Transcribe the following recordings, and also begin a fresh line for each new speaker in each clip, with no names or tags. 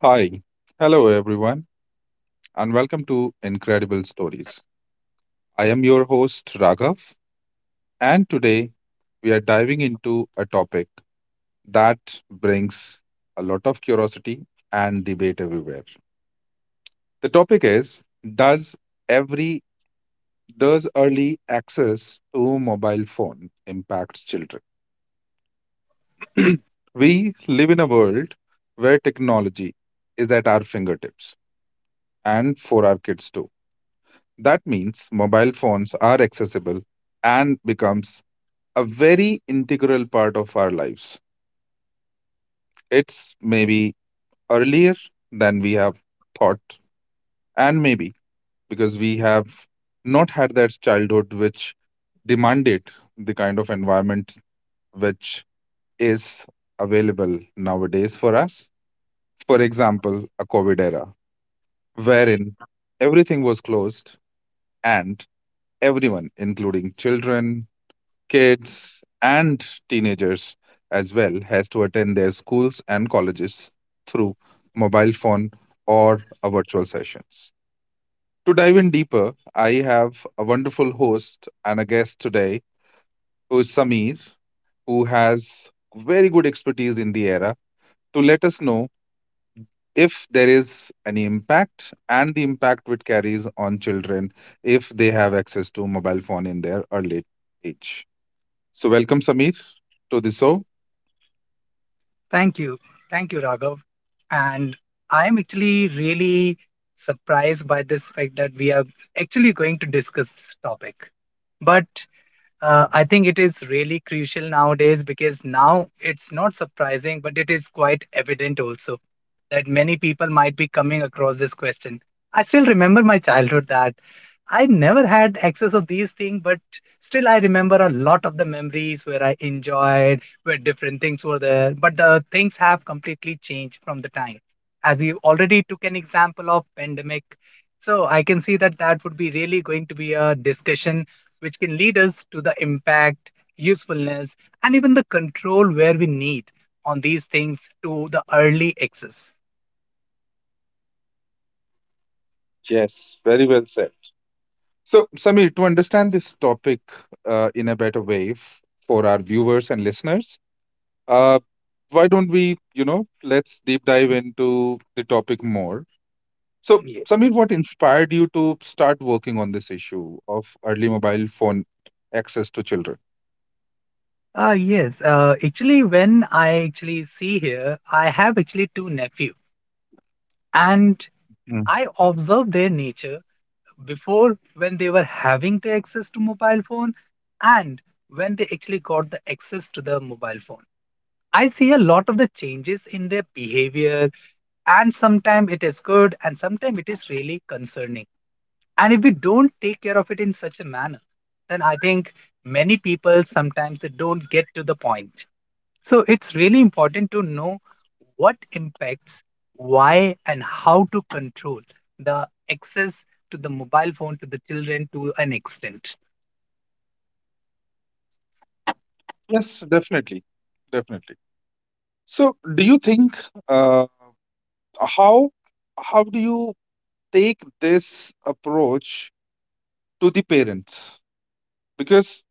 Hi, hello everyone, and welcome to Incredible Stories. I am your host Raghav, and today we are diving into a topic that brings a lot of curiosity and debate everywhere. The topic is, Does every does early access to mobile phone impact children? We live in a world where technology is at our fingertips, and for our kids too. That means mobile phones are accessible and becomes a very integral part of our lives. It's maybe earlier than we have thought, and maybe because we have not had that childhood which demanded the kind of environment which is available nowadays for us. For example, a COVID era, wherein everything was closed and everyone, including children, kids and teenagers as well, has to attend their schools and colleges through mobile phone or a virtual sessions. To dive in deeper, I have a wonderful host and a guest today who is Samir, who has very good expertise in the era to let us know if there is any impact and the impact which carries on children if they have access to mobile phone in their early age. So welcome, Samir, to the show.
Thank you. Thank you, Raghav. And I'm actually really surprised by this fact that we are actually going to discuss this topic. But I think it is really crucial nowadays because now it's not surprising, but it is quite evident also that many people might be coming across this question. I still remember my childhood that I never had access of these things, but still I remember a lot of the memories where I enjoyed, where different things were there. But the things have completely changed from the time. As you already took an example of pandemic, so I can see that that would be really going to be a discussion which can lead us to the impact, usefulness, and even the control where we need on these things to the early access.
Yes, very well said. So, Samir, to understand this topic in a better way for our viewers and listeners, uh, why don't we, you know, let's deep dive into the topic more. So,
Yeah.
Samir, what inspired you to start working on this issue of early mobile phone access to children?
Yes, actually, when I actually see here, I have actually two nephew, and
Mm.
I observe their nature before when they were having the access to mobile phone, and when they actually got the access to the mobile phone. I see a lot of the changes in their behavior, and sometimes it is good and sometimes it is really concerning, and if we don't take care of it in such a manner, then I think many people sometimes they don't get to the point. So it's really important to know what impacts, why and how to control the access to the mobile phone to the children to an extent.
Yes, definitely, definitely. So, do you think uh, how how do you take this approach to the parents? Because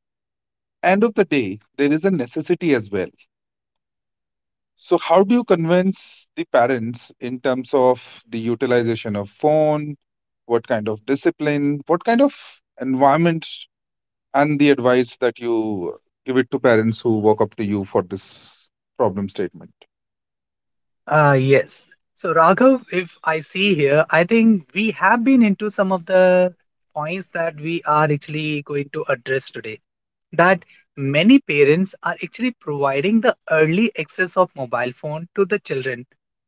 end of the day, there is a necessity as well. So, how do you convince the parents in terms of the utilization of phone? What kind of discipline? What kind of environment? And the advice that you give it to parents who walk up to you for this problem statement.
Yes, so Raghav, if I see here, I think we have been into some of the points that we are actually going to address today, that many parents are actually providing the early access of mobile phone to the children,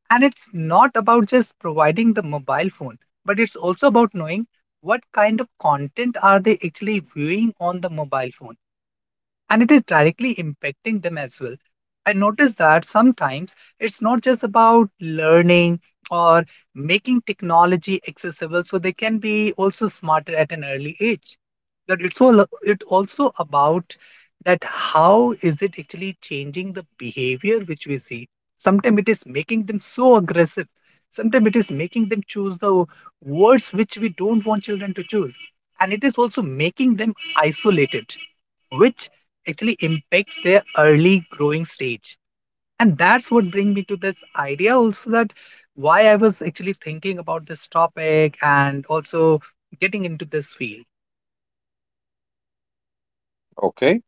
and it's not about just providing the mobile phone, but it's also about knowing what kind of content are they actually viewing on the mobile phone, and it is directly impacting them as well. I notice that sometimes it's not just about learning or making technology accessible so they can be also smarter at an early age. But it also about that how is it actually changing the behavior which we see. Sometimes it is making them so aggressive. Sometimes it is making them choose the words which we don't want children to choose. And it is also making them isolated, which actually impacts their early growing stage, and that's what bring me to this idea also, that why I was actually thinking about this topic and also getting into this field.
Okay,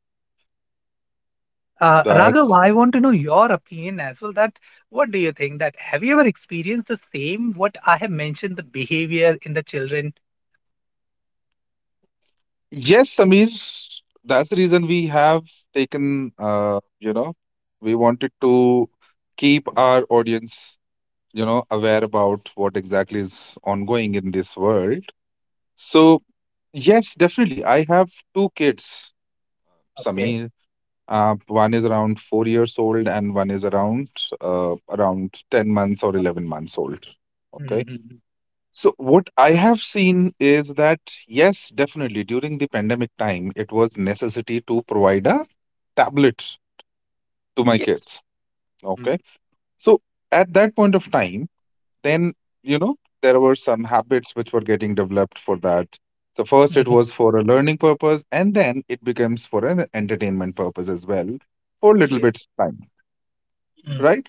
Raghav,
that's
I want to know your opinion as well, that what do you think that, have you ever experienced the same, what I have mentioned, the behavior in the children?
yes, Samir. That's the reason we have taken. You know, we wanted to keep our audience, you know, aware about what exactly is ongoing in this world. So yes, definitely I have two kids,
Okay.
Samir. uh, One is around 4 years old, and one is around around 10 months or 11 months old. Okay,
Mhm.
so what I have seen is that, yes, definitely during the pandemic time it was necessity to provide a tablet to my
Yes.
kids.
Mm.
Okay, so at that point of time, then, you know, there were some habits which were getting developed for that. So first it
Mhm.
was for a learning purpose, and then it becomes for an entertainment purpose as well, for a little
Yes.
bits time.
Mm.
Right.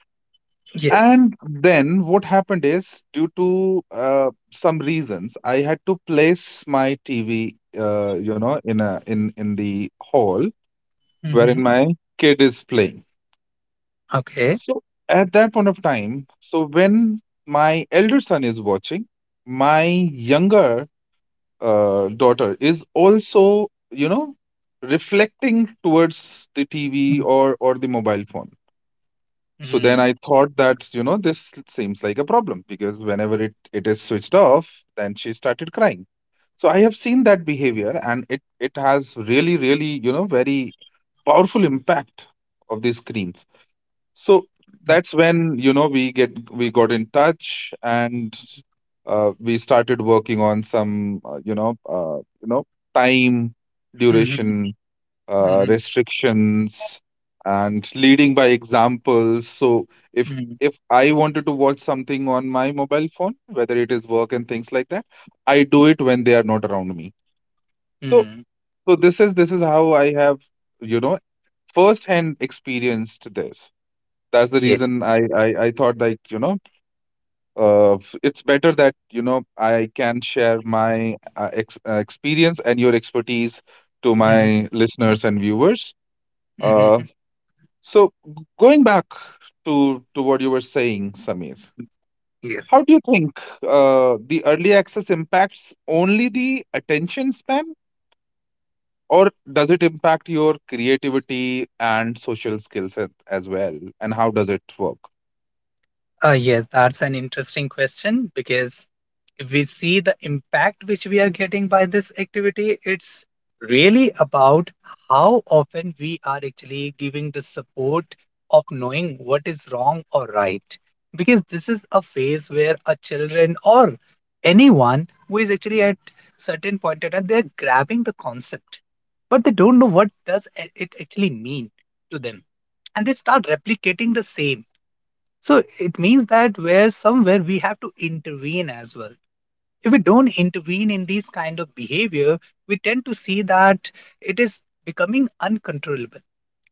Yes.
And then what happened is, due to some reasons, I had to place my TV you know, in a in in the hall, wherein
Mhm.
my kid is playing.
Okay.
So at that point of time, so when my elder son is watching, my younger daughter is also, you know, reflecting towards the TV
Mm.
or the mobile phone. So then I thought that, you know, this seems like a problem, because whenever it is switched off, then she started crying. So I have seen that behavior, and it has really, really, you know, very powerful impact of the screens. So that's when, you know, we got in touch and we started working on some, you know, time
Mm.
duration,
Mhm.
restrictions, and leading by examples. So
Mm,
if I wanted to watch something on my mobile phone, whether it is work and things like that, I do it when they are not around me. So
mm,
so this is how I have, you know, first hand experienced this. That's the
yes.
reason I thought, like, you know, it's better that, you know, I can share my ex experience and your expertise to
Mhm,
my listeners and viewers.
mhm,
Uh,
mhm.
so g- Going back to what you were saying, Samir,
Yes.
how do you think the early access impacts only the attention span, or does it impact your creativity and social skills as well? And how does it work?
Yes, that's an interesting question because if we see the impact which we are getting by this activity, it's really about how often we are actually giving the support of knowing what is wrong or right. Because this is a phase where a children, or anyone who is actually at certain point in time, they're grabbing the concept, but they don't know what does it actually mean to them, and they start replicating the same. So it means that where somewhere we have to intervene as well. If we don't intervene in these kind of behavior, we tend to see that it is becoming uncontrollable.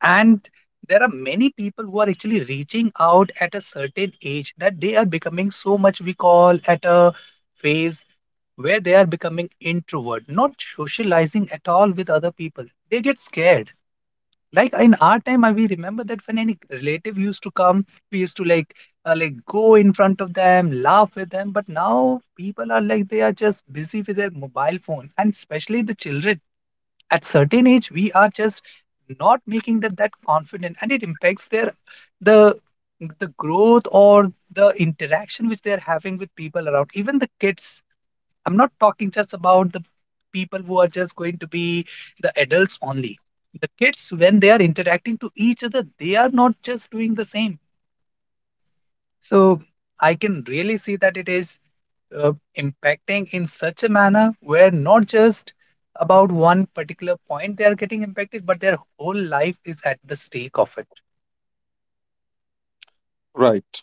And there are many people who are actually reaching out at a certain age, that they are becoming so much, we call, at a phase where they are becoming introvert, not socializing at all with other people. They get scared. Like in our time, I we remember that when any relative used to come, we used to like, like go in front of them, laugh with them. But now people are like, they are just busy with their mobile phone, and especially the children, at certain age we are just not making them that confident, and it impacts their, the the growth, or the interaction which they are having with people around, even the kids. I'm not talking just about the people who are just going to be the adults only. The kids, when they are interacting to each other, they are not just doing the same. So I can really see that it is impacting in such a manner where not just about one particular point they are getting impacted, but their whole life is at the stake of it.
Right.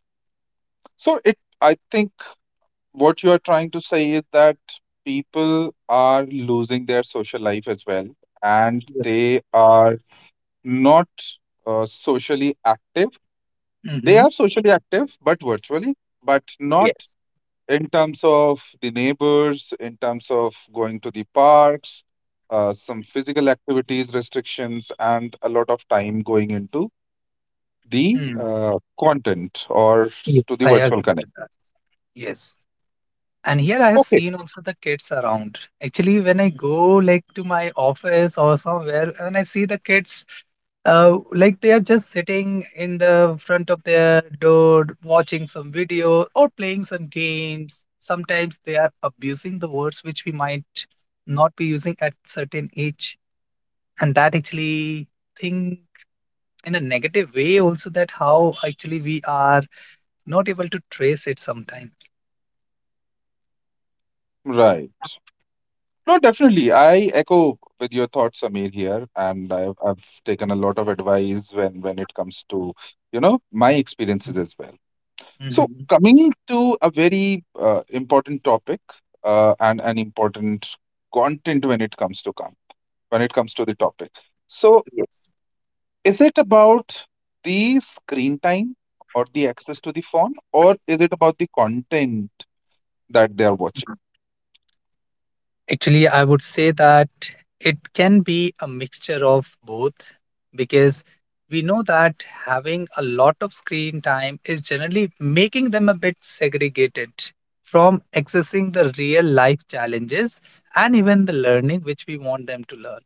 So it, I think what you are trying to say is that people are losing their social life as well, and
Yes.
they are not socially active. They
Mm-hmm.
are social, but virtually, but not
Yes.
in terms of the neighbors, in terms of going to the parks, some physical activities restrictions, and a lot of time going into the
Mm.
content or
Yes.
to
I
the virtual
agree with
connect.
that. Yes. And here I have
Okay,
seen also the kids around. Actually, when I go like to my office or somewhere, and I see the kids, like they are just sitting in the front of their door, watching some video or playing some games. Sometimes they are abusing the words which we might not be using at certain age, and that actually thing in a negative way also, that how actually we are not able to trace it sometimes.
right. No, definitely. I echo with your thoughts, Samir, here, and I've taken a lot of advice when it comes to, you know, my
Mhm.
experiences as well. So
Mhm.
coming to a very important topic and an important content when it comes to come when it comes to the topic. So,
Yes.
is it about the screen time or the access to the phone, or is it about the content that they are watching?
Actually, I would say that it can be a mixture of both, because we know that having a lot of screen time is generally making them a bit segregated from accessing the real life challenges and even the learning which we want them to learn.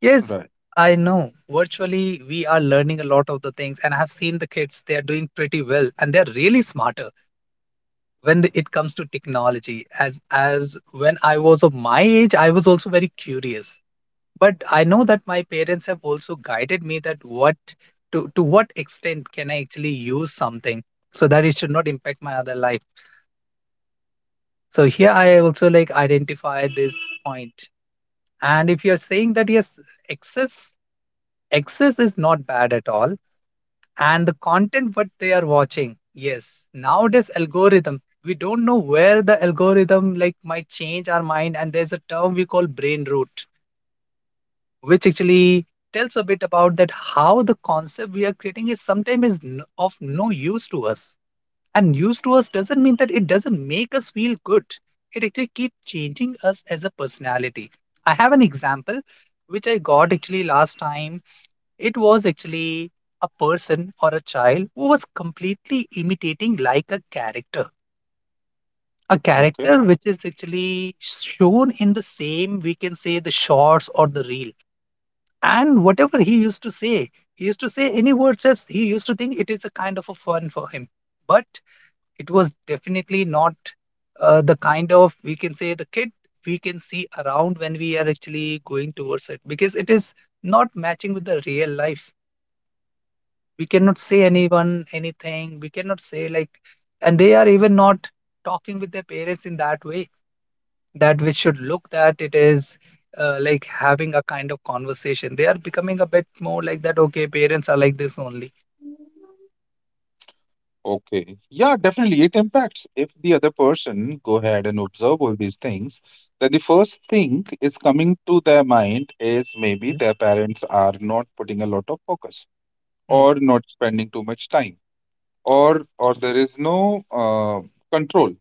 Yes,
Right.
I know virtually we are learning a lot of the things, and I have seen the kids, they are doing pretty well and they're really smarter when it comes to technology. As when I was of my age, I was also very curious, but I know that my parents have also guided me that what to what extent can I actually use something, so that it should not impact my other life. So here I also like identify this point. And if you're saying that, yes, excess excess is not bad at all, and the content what they are watching. Yes, nowadays algorithm. We don't know where the algorithm like might change our mind, and there's a term we call brain root, which actually tells a bit about that how the concept we are creating is sometimes is of no use to us. And use to us doesn't mean that it doesn't make us feel good. It actually keeps changing us as a personality. I have an example which I got actually last time. It was actually a person or a child who was completely imitating like a character. A
Okay.
character which is actually shown in the same, we can say, the shorts or the reel. And whatever he used to say, he used to say any words as he used to think it is a kind of a fun for him. But it was definitely not the kind of, we can say, the kid we can see around when we are actually going towards it, because it is not matching with the real life. We cannot say anyone anything, we cannot say like, and they are even not talking with their parents in that way, that we should look that it is like having a kind of conversation. They are becoming a bit more like that, okay, parents are like this only.
Okay. Yeah, definitely. It impacts. If the other person go ahead and observe all these things, then the first thing is coming to their mind is maybe
Mm.
their parents are not putting a lot of focus,
Mm.
or not spending too much time, or there is no control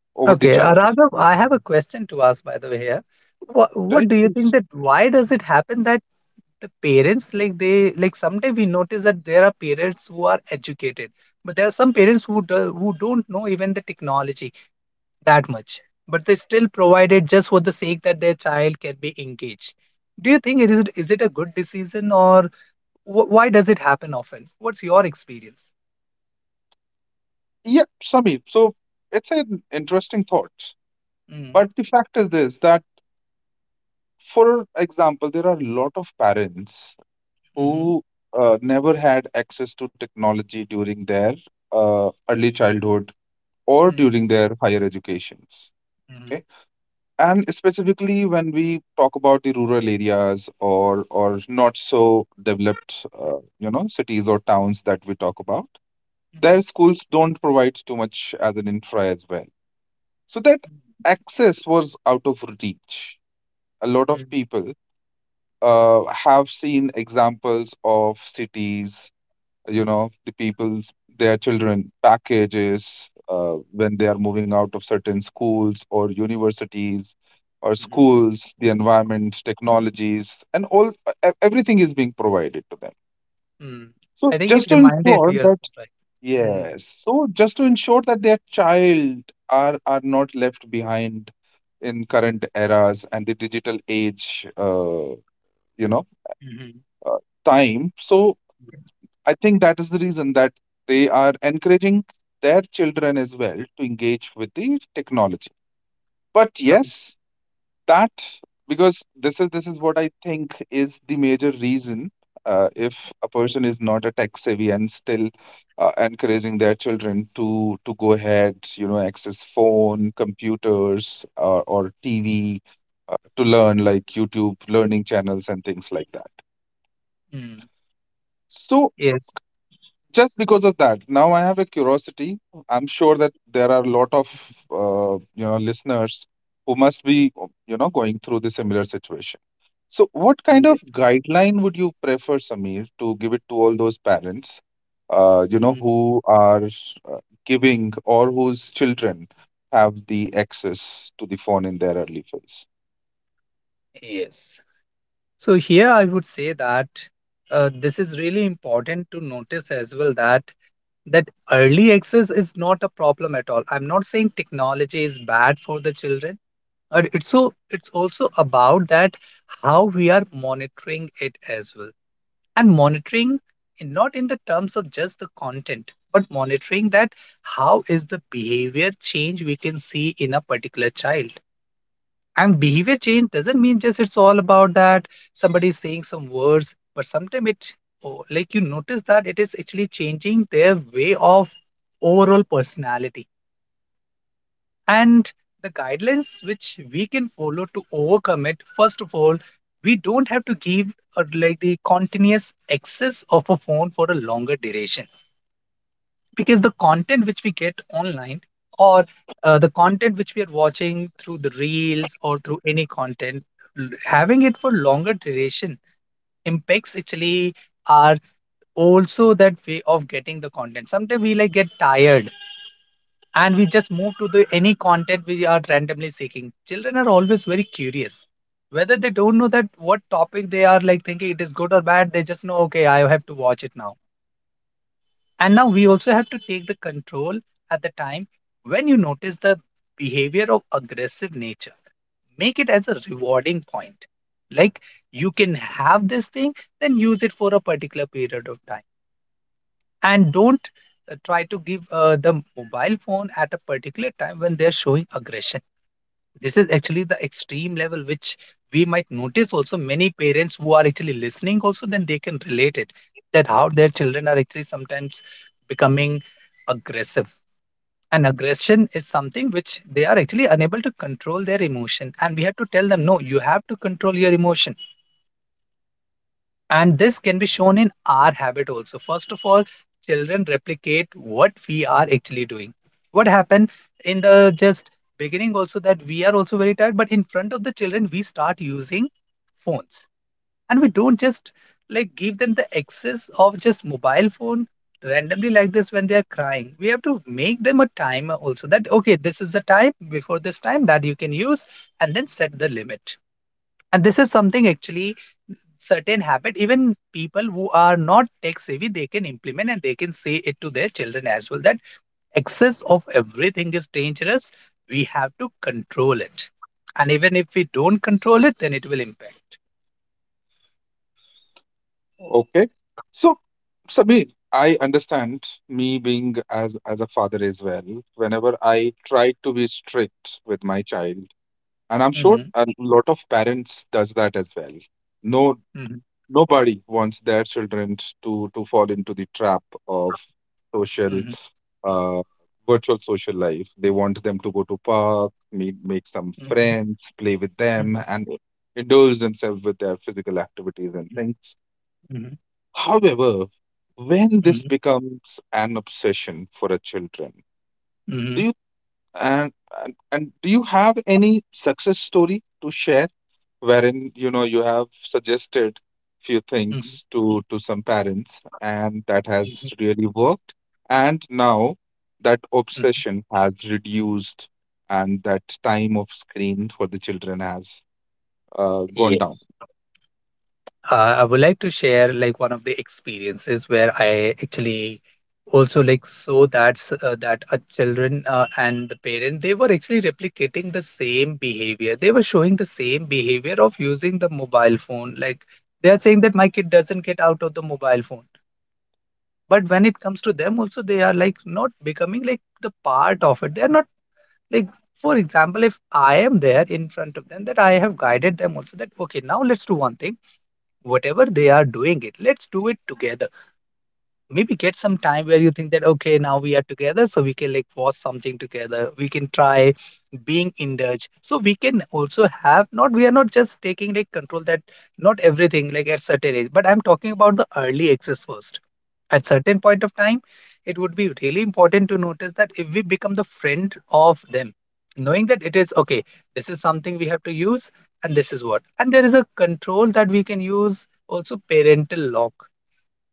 over the
Okay.
child,
Raghav, I have a question to ask, by the way, here. what,
right?
what do you think that why does it happen that the parents, like they like, sometimes we notice that there are parents who are educated, but there are some parents who who don't know even the technology that much, but they still provide it just for the sake that their child can be engaged. Do you think it is it a good decision, or why does it happen often? What's your experience?
Yeah, Sami. So it's an interesting thought.
Mm,
But the fact is this that, for example, there are a lot of parents
mhm,
who never had access to technology during their early childhood or
mm,
during their higher educations.
mhm,
Okay, and specifically when we talk about the rural areas or not so developed, you know, cities or towns that we talk about, their
mhm,
schools don't provide too much as an infra as well. So that
mm,
access was out of reach. A lot of
mm,
people have seen examples of cities, you know, the people's, their children packages when they are moving out of certain schools or universities or
mhm,
schools, the environment, technologies, and all, everything is being provided to them.
mm.
So
I think
just to
it
ensure
reminded me
that,
of that, right?
yes,
Mm,
so just to ensure that their child are not left behind in current eras and the digital age, you know
mhm,
uh, time. So
mhm.
I think that is the reason that they are encouraging their children as well to engage with the technology. But
Uh,
yes, that because this is what I think is the major reason. If a person is not a tech savvy and still encouraging their children to go ahead, you know, access phone, computers, or TV to learn, like, YouTube learning channels and things like that.
mm,
So
Yes,
just because of that, now I have a curiosity. I'm sure that there are a lot of you know, listeners who must be, you know, going through the similar situation. So what kind of
yes,
guideline would you prefer, Samir, to give it to all those parents, you know, who
mhm,
are uh, giving, or whose children have the access to the phone in their early phase?
yes. So here I would say that, this is really important to notice as well, that that early access is not a problem at all. I'm not saying technology is bad for the children, but it's also about that how we are monitoring it as well. And monitoring, in, not in the terms of just the content, but monitoring that how is the behavior change we can see in a particular child. And behavior change doesn't mean just it's all about that somebody is saying some words, but sometimes it, oh, like you notice that it is actually changing their way of overall personality. And the guidelines which we can follow to overcome it, first of all, we don't have to give like the continuous access of a phone for a longer duration, because the content which we get online or the content which we are watching through the reels or through any content, having it for longer duration impacts actually our also that way of getting the content. Sometimes we like get tired and we just move to the any content we are randomly seeking. Children are always very curious, whether they don't know that what topic they are like thinking it is good or bad, they just know, okay, I have to watch it now. And now we also have to take the control at the time when you notice the behavior of aggressive nature. Make it as a rewarding point. Like, you can have this thing, then use it for a particular period of time. And don't try to give the mobile phone at a particular time when they're showing aggression. This is actually the extreme level which we might notice. Also many parents who are actually listening also, then they can relate it, that how their children are actually sometimes becoming aggressive. And aggression is something which they are actually unable to control their emotion, and we have to tell them, no, you have to control your emotion. And this can be shown in our habit also. First of all, children replicate what we are actually doing. What happened in the just beginning also, that we are also very tired, but in front of the children we start using phones. And we don't just like give them the access of just mobile phone randomly like this. When they are crying, we have to make them a timer also, that okay, this is the time before this time that you can use, and then set the limit. And this is something actually certain habit even people who are not tech savvy they can implement, and they can say it to their children as well, that excess of everything is dangerous, we have to control it. And even if we don't control it, then it will impact.
Okay. So, Sabir, I understand, me being as a father as well. Whenever I try to be strict with my child, and I'm sure
Hmm.
a lot of parents does that as well. No,
Hmm.
nobody wants their children to fall into the trap of social
Hmm.
uh, virtual social life. They want them to go to park, meet make some
Hmm.
friends with them,
Hmm.
and indulge themselves with their physical activities and things.
Hmm.
However, when this
Hmm.
becomes an obsession for a children, do you, and, and do you have any success story to share, wherein, you know, you have suggested few
Hmm. Hmm.
things to some parents and that has really worked, and now that obsession has reduced and that time of screen for the children has gone down?
Yes. I would like to share like one of the experiences where I actually also like saw that's that a children and the parent, they were actually replicating the same behavior. They were showing the same behavior of using the mobile phone. Like, they are saying that my kid doesn't get out of the mobile phone, but when it comes to them, also they are like not becoming like the part of it. They are not like. For example, if I am there in front of them, that I have guided them also that okay, now let's do one thing, whatever they are doing it, let's do it together. Maybe get some time where you think that okay, now we are together, so we can like force something together, we can try being indulged, so we can also have, not, we are not just taking like control that not everything like at certain age, but I'm talking about the early access first. At certain point of time, it would be really important to notice that if we become the friend of them, knowing that it is okay, this is something we have to use. And this is what, and there is a control that we can use, also parental lock.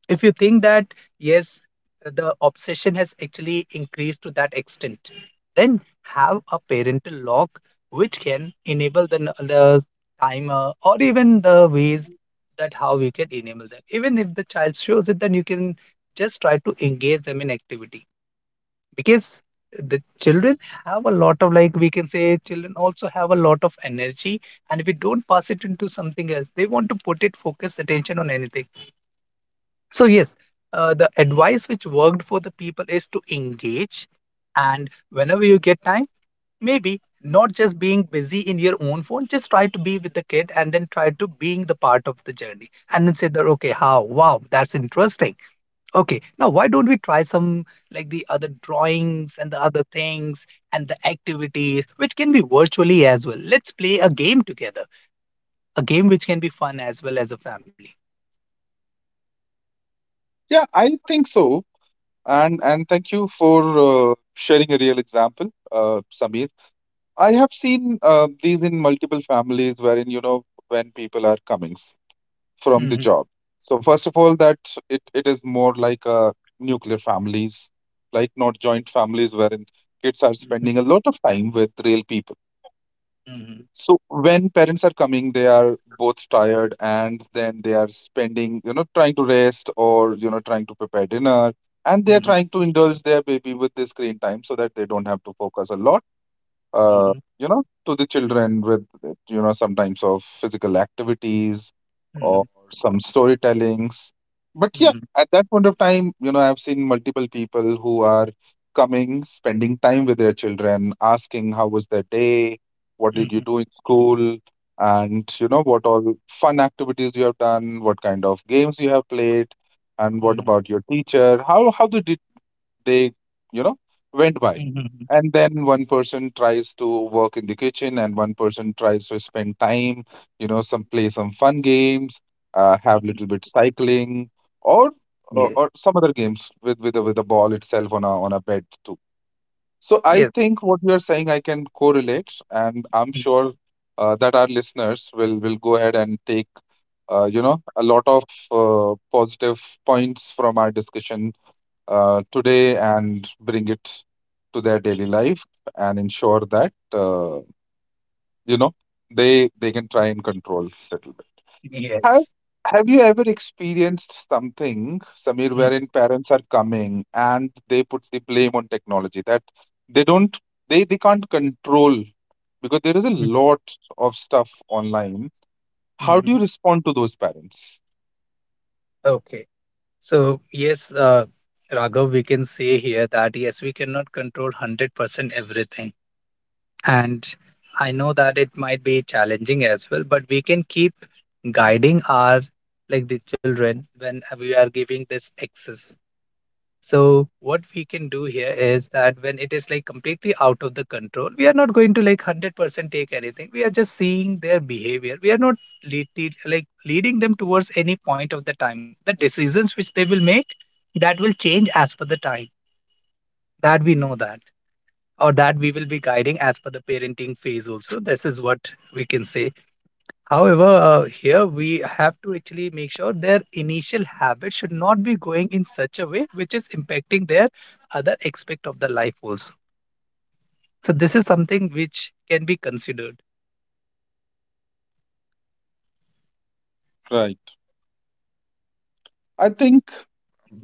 If you think that yes, the obsession has actually increased to that extent, then have a parental lock which can enable the timer or even the ways that how we can enable that, even if the child shows it, then you can just try to engage them in activity. Because the children have a lot of, like, we can say children also have a lot of energy, and if we don't pass it into something else, they want to put it focus attention on anything. So, yes, the advice which worked for the people is to engage. And whenever you get time, maybe not just being busy in your own phone, just try to be with the kid and then try to being the part of the journey. And then say that, okay, how? Wow, that's interesting. Okay, now why don't we try some like the other drawings and the other things and the activities, which can be virtually as well. Let's play a game together, a game which can be fun as well as a family.
Yeah, I think so. And thank you for sharing a real example, Samir. I have seen these in multiple families, wherein, you know, when people are comings from the
Mhm,
job. So first of all, that it is more like nuclear families, like not joint families, wherein kids are
mhm,
spending a lot of time with real people.
mhm,
So when parents are coming, they are both tired, and then they are spending, you know, trying to rest, or, you know, trying to prepare dinner. And they are
mhm,
trying to indulge their baby with the screen time so that they don't have to focus a lot, uh,
mhm.
you know, to the children with, you know, sometimes of physical activities or
Mhm,
some storytellings. But yeah,
mhm,
at that point of time, you know, I've seen multiple people who are coming, spending time with their children, asking how was their day, what did you
mhm,
do in school, and, you know, what all fun activities you have done, what kind of games you have played, and what
mhm,
about your teacher, how did they, you know, went by.
mhm,
And then one person tries to work in the kitchen and one person tries to spend time, you know, some play some fun games, have
mhm.
little bit cycling, or or
Yes,
or some other games with with a ball itself on a bed too. So I
yes,
think what you are saying I can correlate, and I'm
y-
sure that our listeners will go ahead and take you know, a lot of positive points from our discussion today, and bring it to their daily life and ensure that you know, they can try and control it. Have
yes.
Have you ever experienced something, Samir,
Mhm,
wherein parents are coming and they put the blame on technology that they don't they can't control because there is a
mhm,
lot of stuff online. How do you
mhm.
respond to those parents?
Okay. So, yes, Raghav, we can say here that yes, we cannot control 100% everything. And I know that it might be challenging as well, but we can keep guiding our, like the children, when we are giving this access. So what we can do here is that when it is like completely out of the control, we are not going to like 100% take anything. We are just seeing their behavior. We are not like leading them towards any point of the time. The decisions which they will make, that will change as per the time. That we know that, or that we will be guiding as per the parenting phase also. This is what we can say. However, here we have to actually make sure their initial habit should not be going in such a way which is impacting their other aspect of the life also. So this is something which can be considered.
Right. I think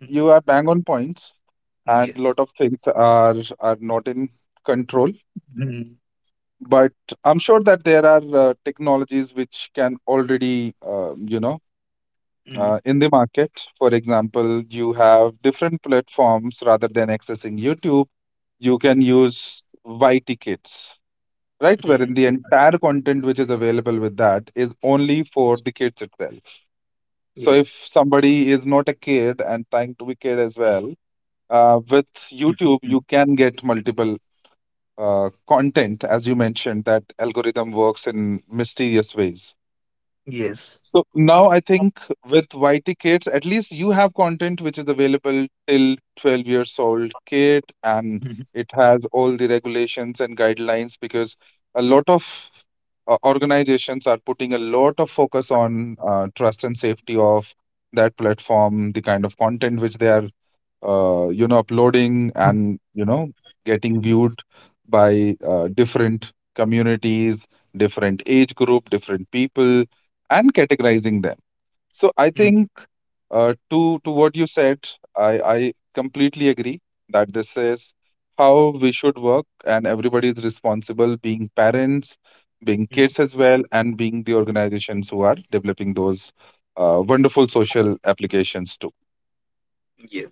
you are bang on points,
Mm.
and a lot
Yes.
of things are not in control.
Mm,
But I'm sure that there are technologies which can already, you know,
mm,
in the market. For example, you have different platforms rather than accessing YouTube. You can
mm,
use Y tickets, right?
mm.
Wherein the entire content which is available with that is only for the kids itself. So if
Yes.
somebody is not a kid and trying to be kid as well, with
Mhm, mhm.
YouTube, you can get multiple content, as you mentioned, that algorithm works in mysterious ways.
Yes.
So now I think with YT Kids, at least you have content which is available till 12 years old kid, and
Mhm,
it has all the regulations and guidelines because a lot of organizations are putting a lot of focus on trust and safety of that platform, the kind of content which they are you know, uploading,
mhm,
and you know, getting viewed by different communities, different age group, different people, and categorizing them. So I
mhm,
think to what you said, I completely agree that this is how we should work, and everybody is responsible, being parents, being
mhm.
kids as well, and being the organizations who are developing those wonderful social applications too.
Yes.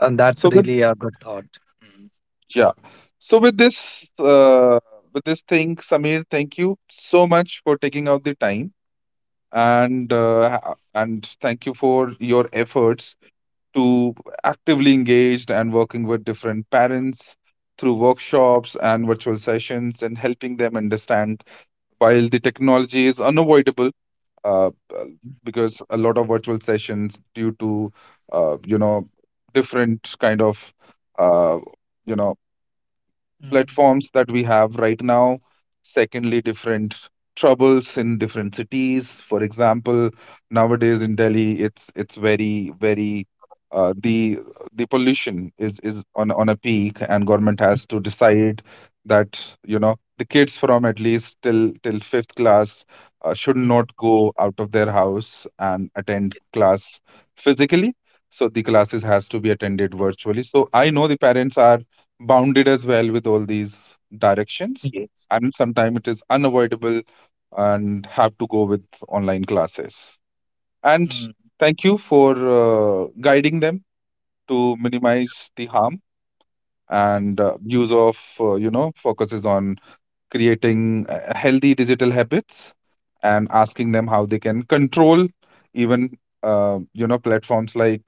And that's
So with
really a good thought. Mm.
Yeah. So with this thing, Samir, thank you so much for taking out the time, and and thank you for your efforts to actively engaged and working with different parents through workshops and virtual sessions, and helping them understand while the technology is unavoidable, uh, uh, because a lot of virtual sessions due to you know, different kind of uh, you know,
Mhm,
platforms that we have right now. Secondly, different troubles in different cities. For example, nowadays in Delhi, it's very very uh, the the pollution is on a peak, and government has
mhm,
to decide that you know, the kids from at least till till fifth class should not
mhm.
go out of their house and attend class physically. So the classes has to be attended virtually. So I know the parents are bounded as well with all these directions,
Yes.
and sometimes it is unavoidable and have to go with online classes, and
Mm.
thank you for guiding them to minimize the harm, and use of you know, focuses on creating healthy digital habits, and asking them how they can control even you know, platforms like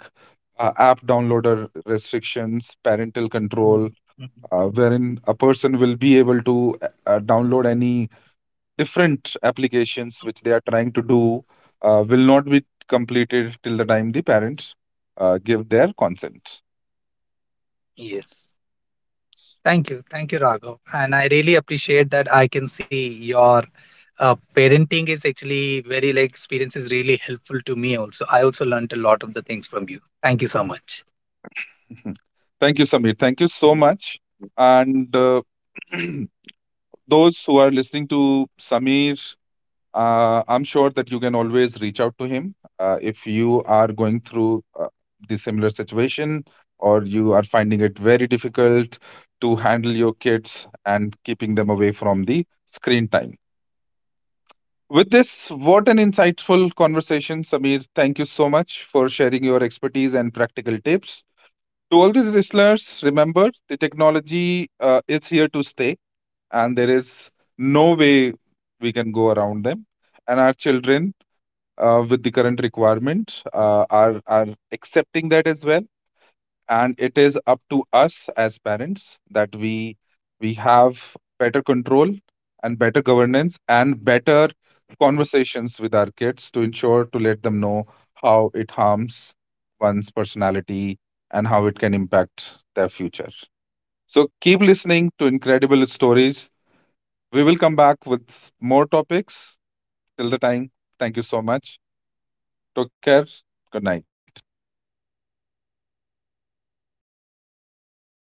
app downloader restrictions, parental
Mhm,
control,
mhm.
wherein a person will be able to download any different applications which they are trying to do will not be completed till the time the parents give their consent.
Yes. Thank you. Thank you, Raghav. And I really appreciate that I can see your parenting is actually very like experience is really helpful to me also. I also learned a lot of the things from you. Thank you so much.
Mhm. Thank you, Samir. Thank you so much. And those who are listening to Samir, I'm sure that you can always reach out to him if you are going through the similar situation or you are finding it very difficult to handle your kids and keeping them away from the screen time. With this, what an insightful conversation, Samir. Thank you so much for sharing your expertise and practical tips. To all these listeners, remember the technology is here to stay, and there is no way we can go around them. And our children with the current requirements are accepting that as well, and it is up to us as parents that we have better control and better governance and better conversations with our kids to ensure, to let them know how it harms one's personality and how it can impact their future. So keep listening to incredible stories. We will come back with more topics till the time. Thank you so much. Take care. Good night.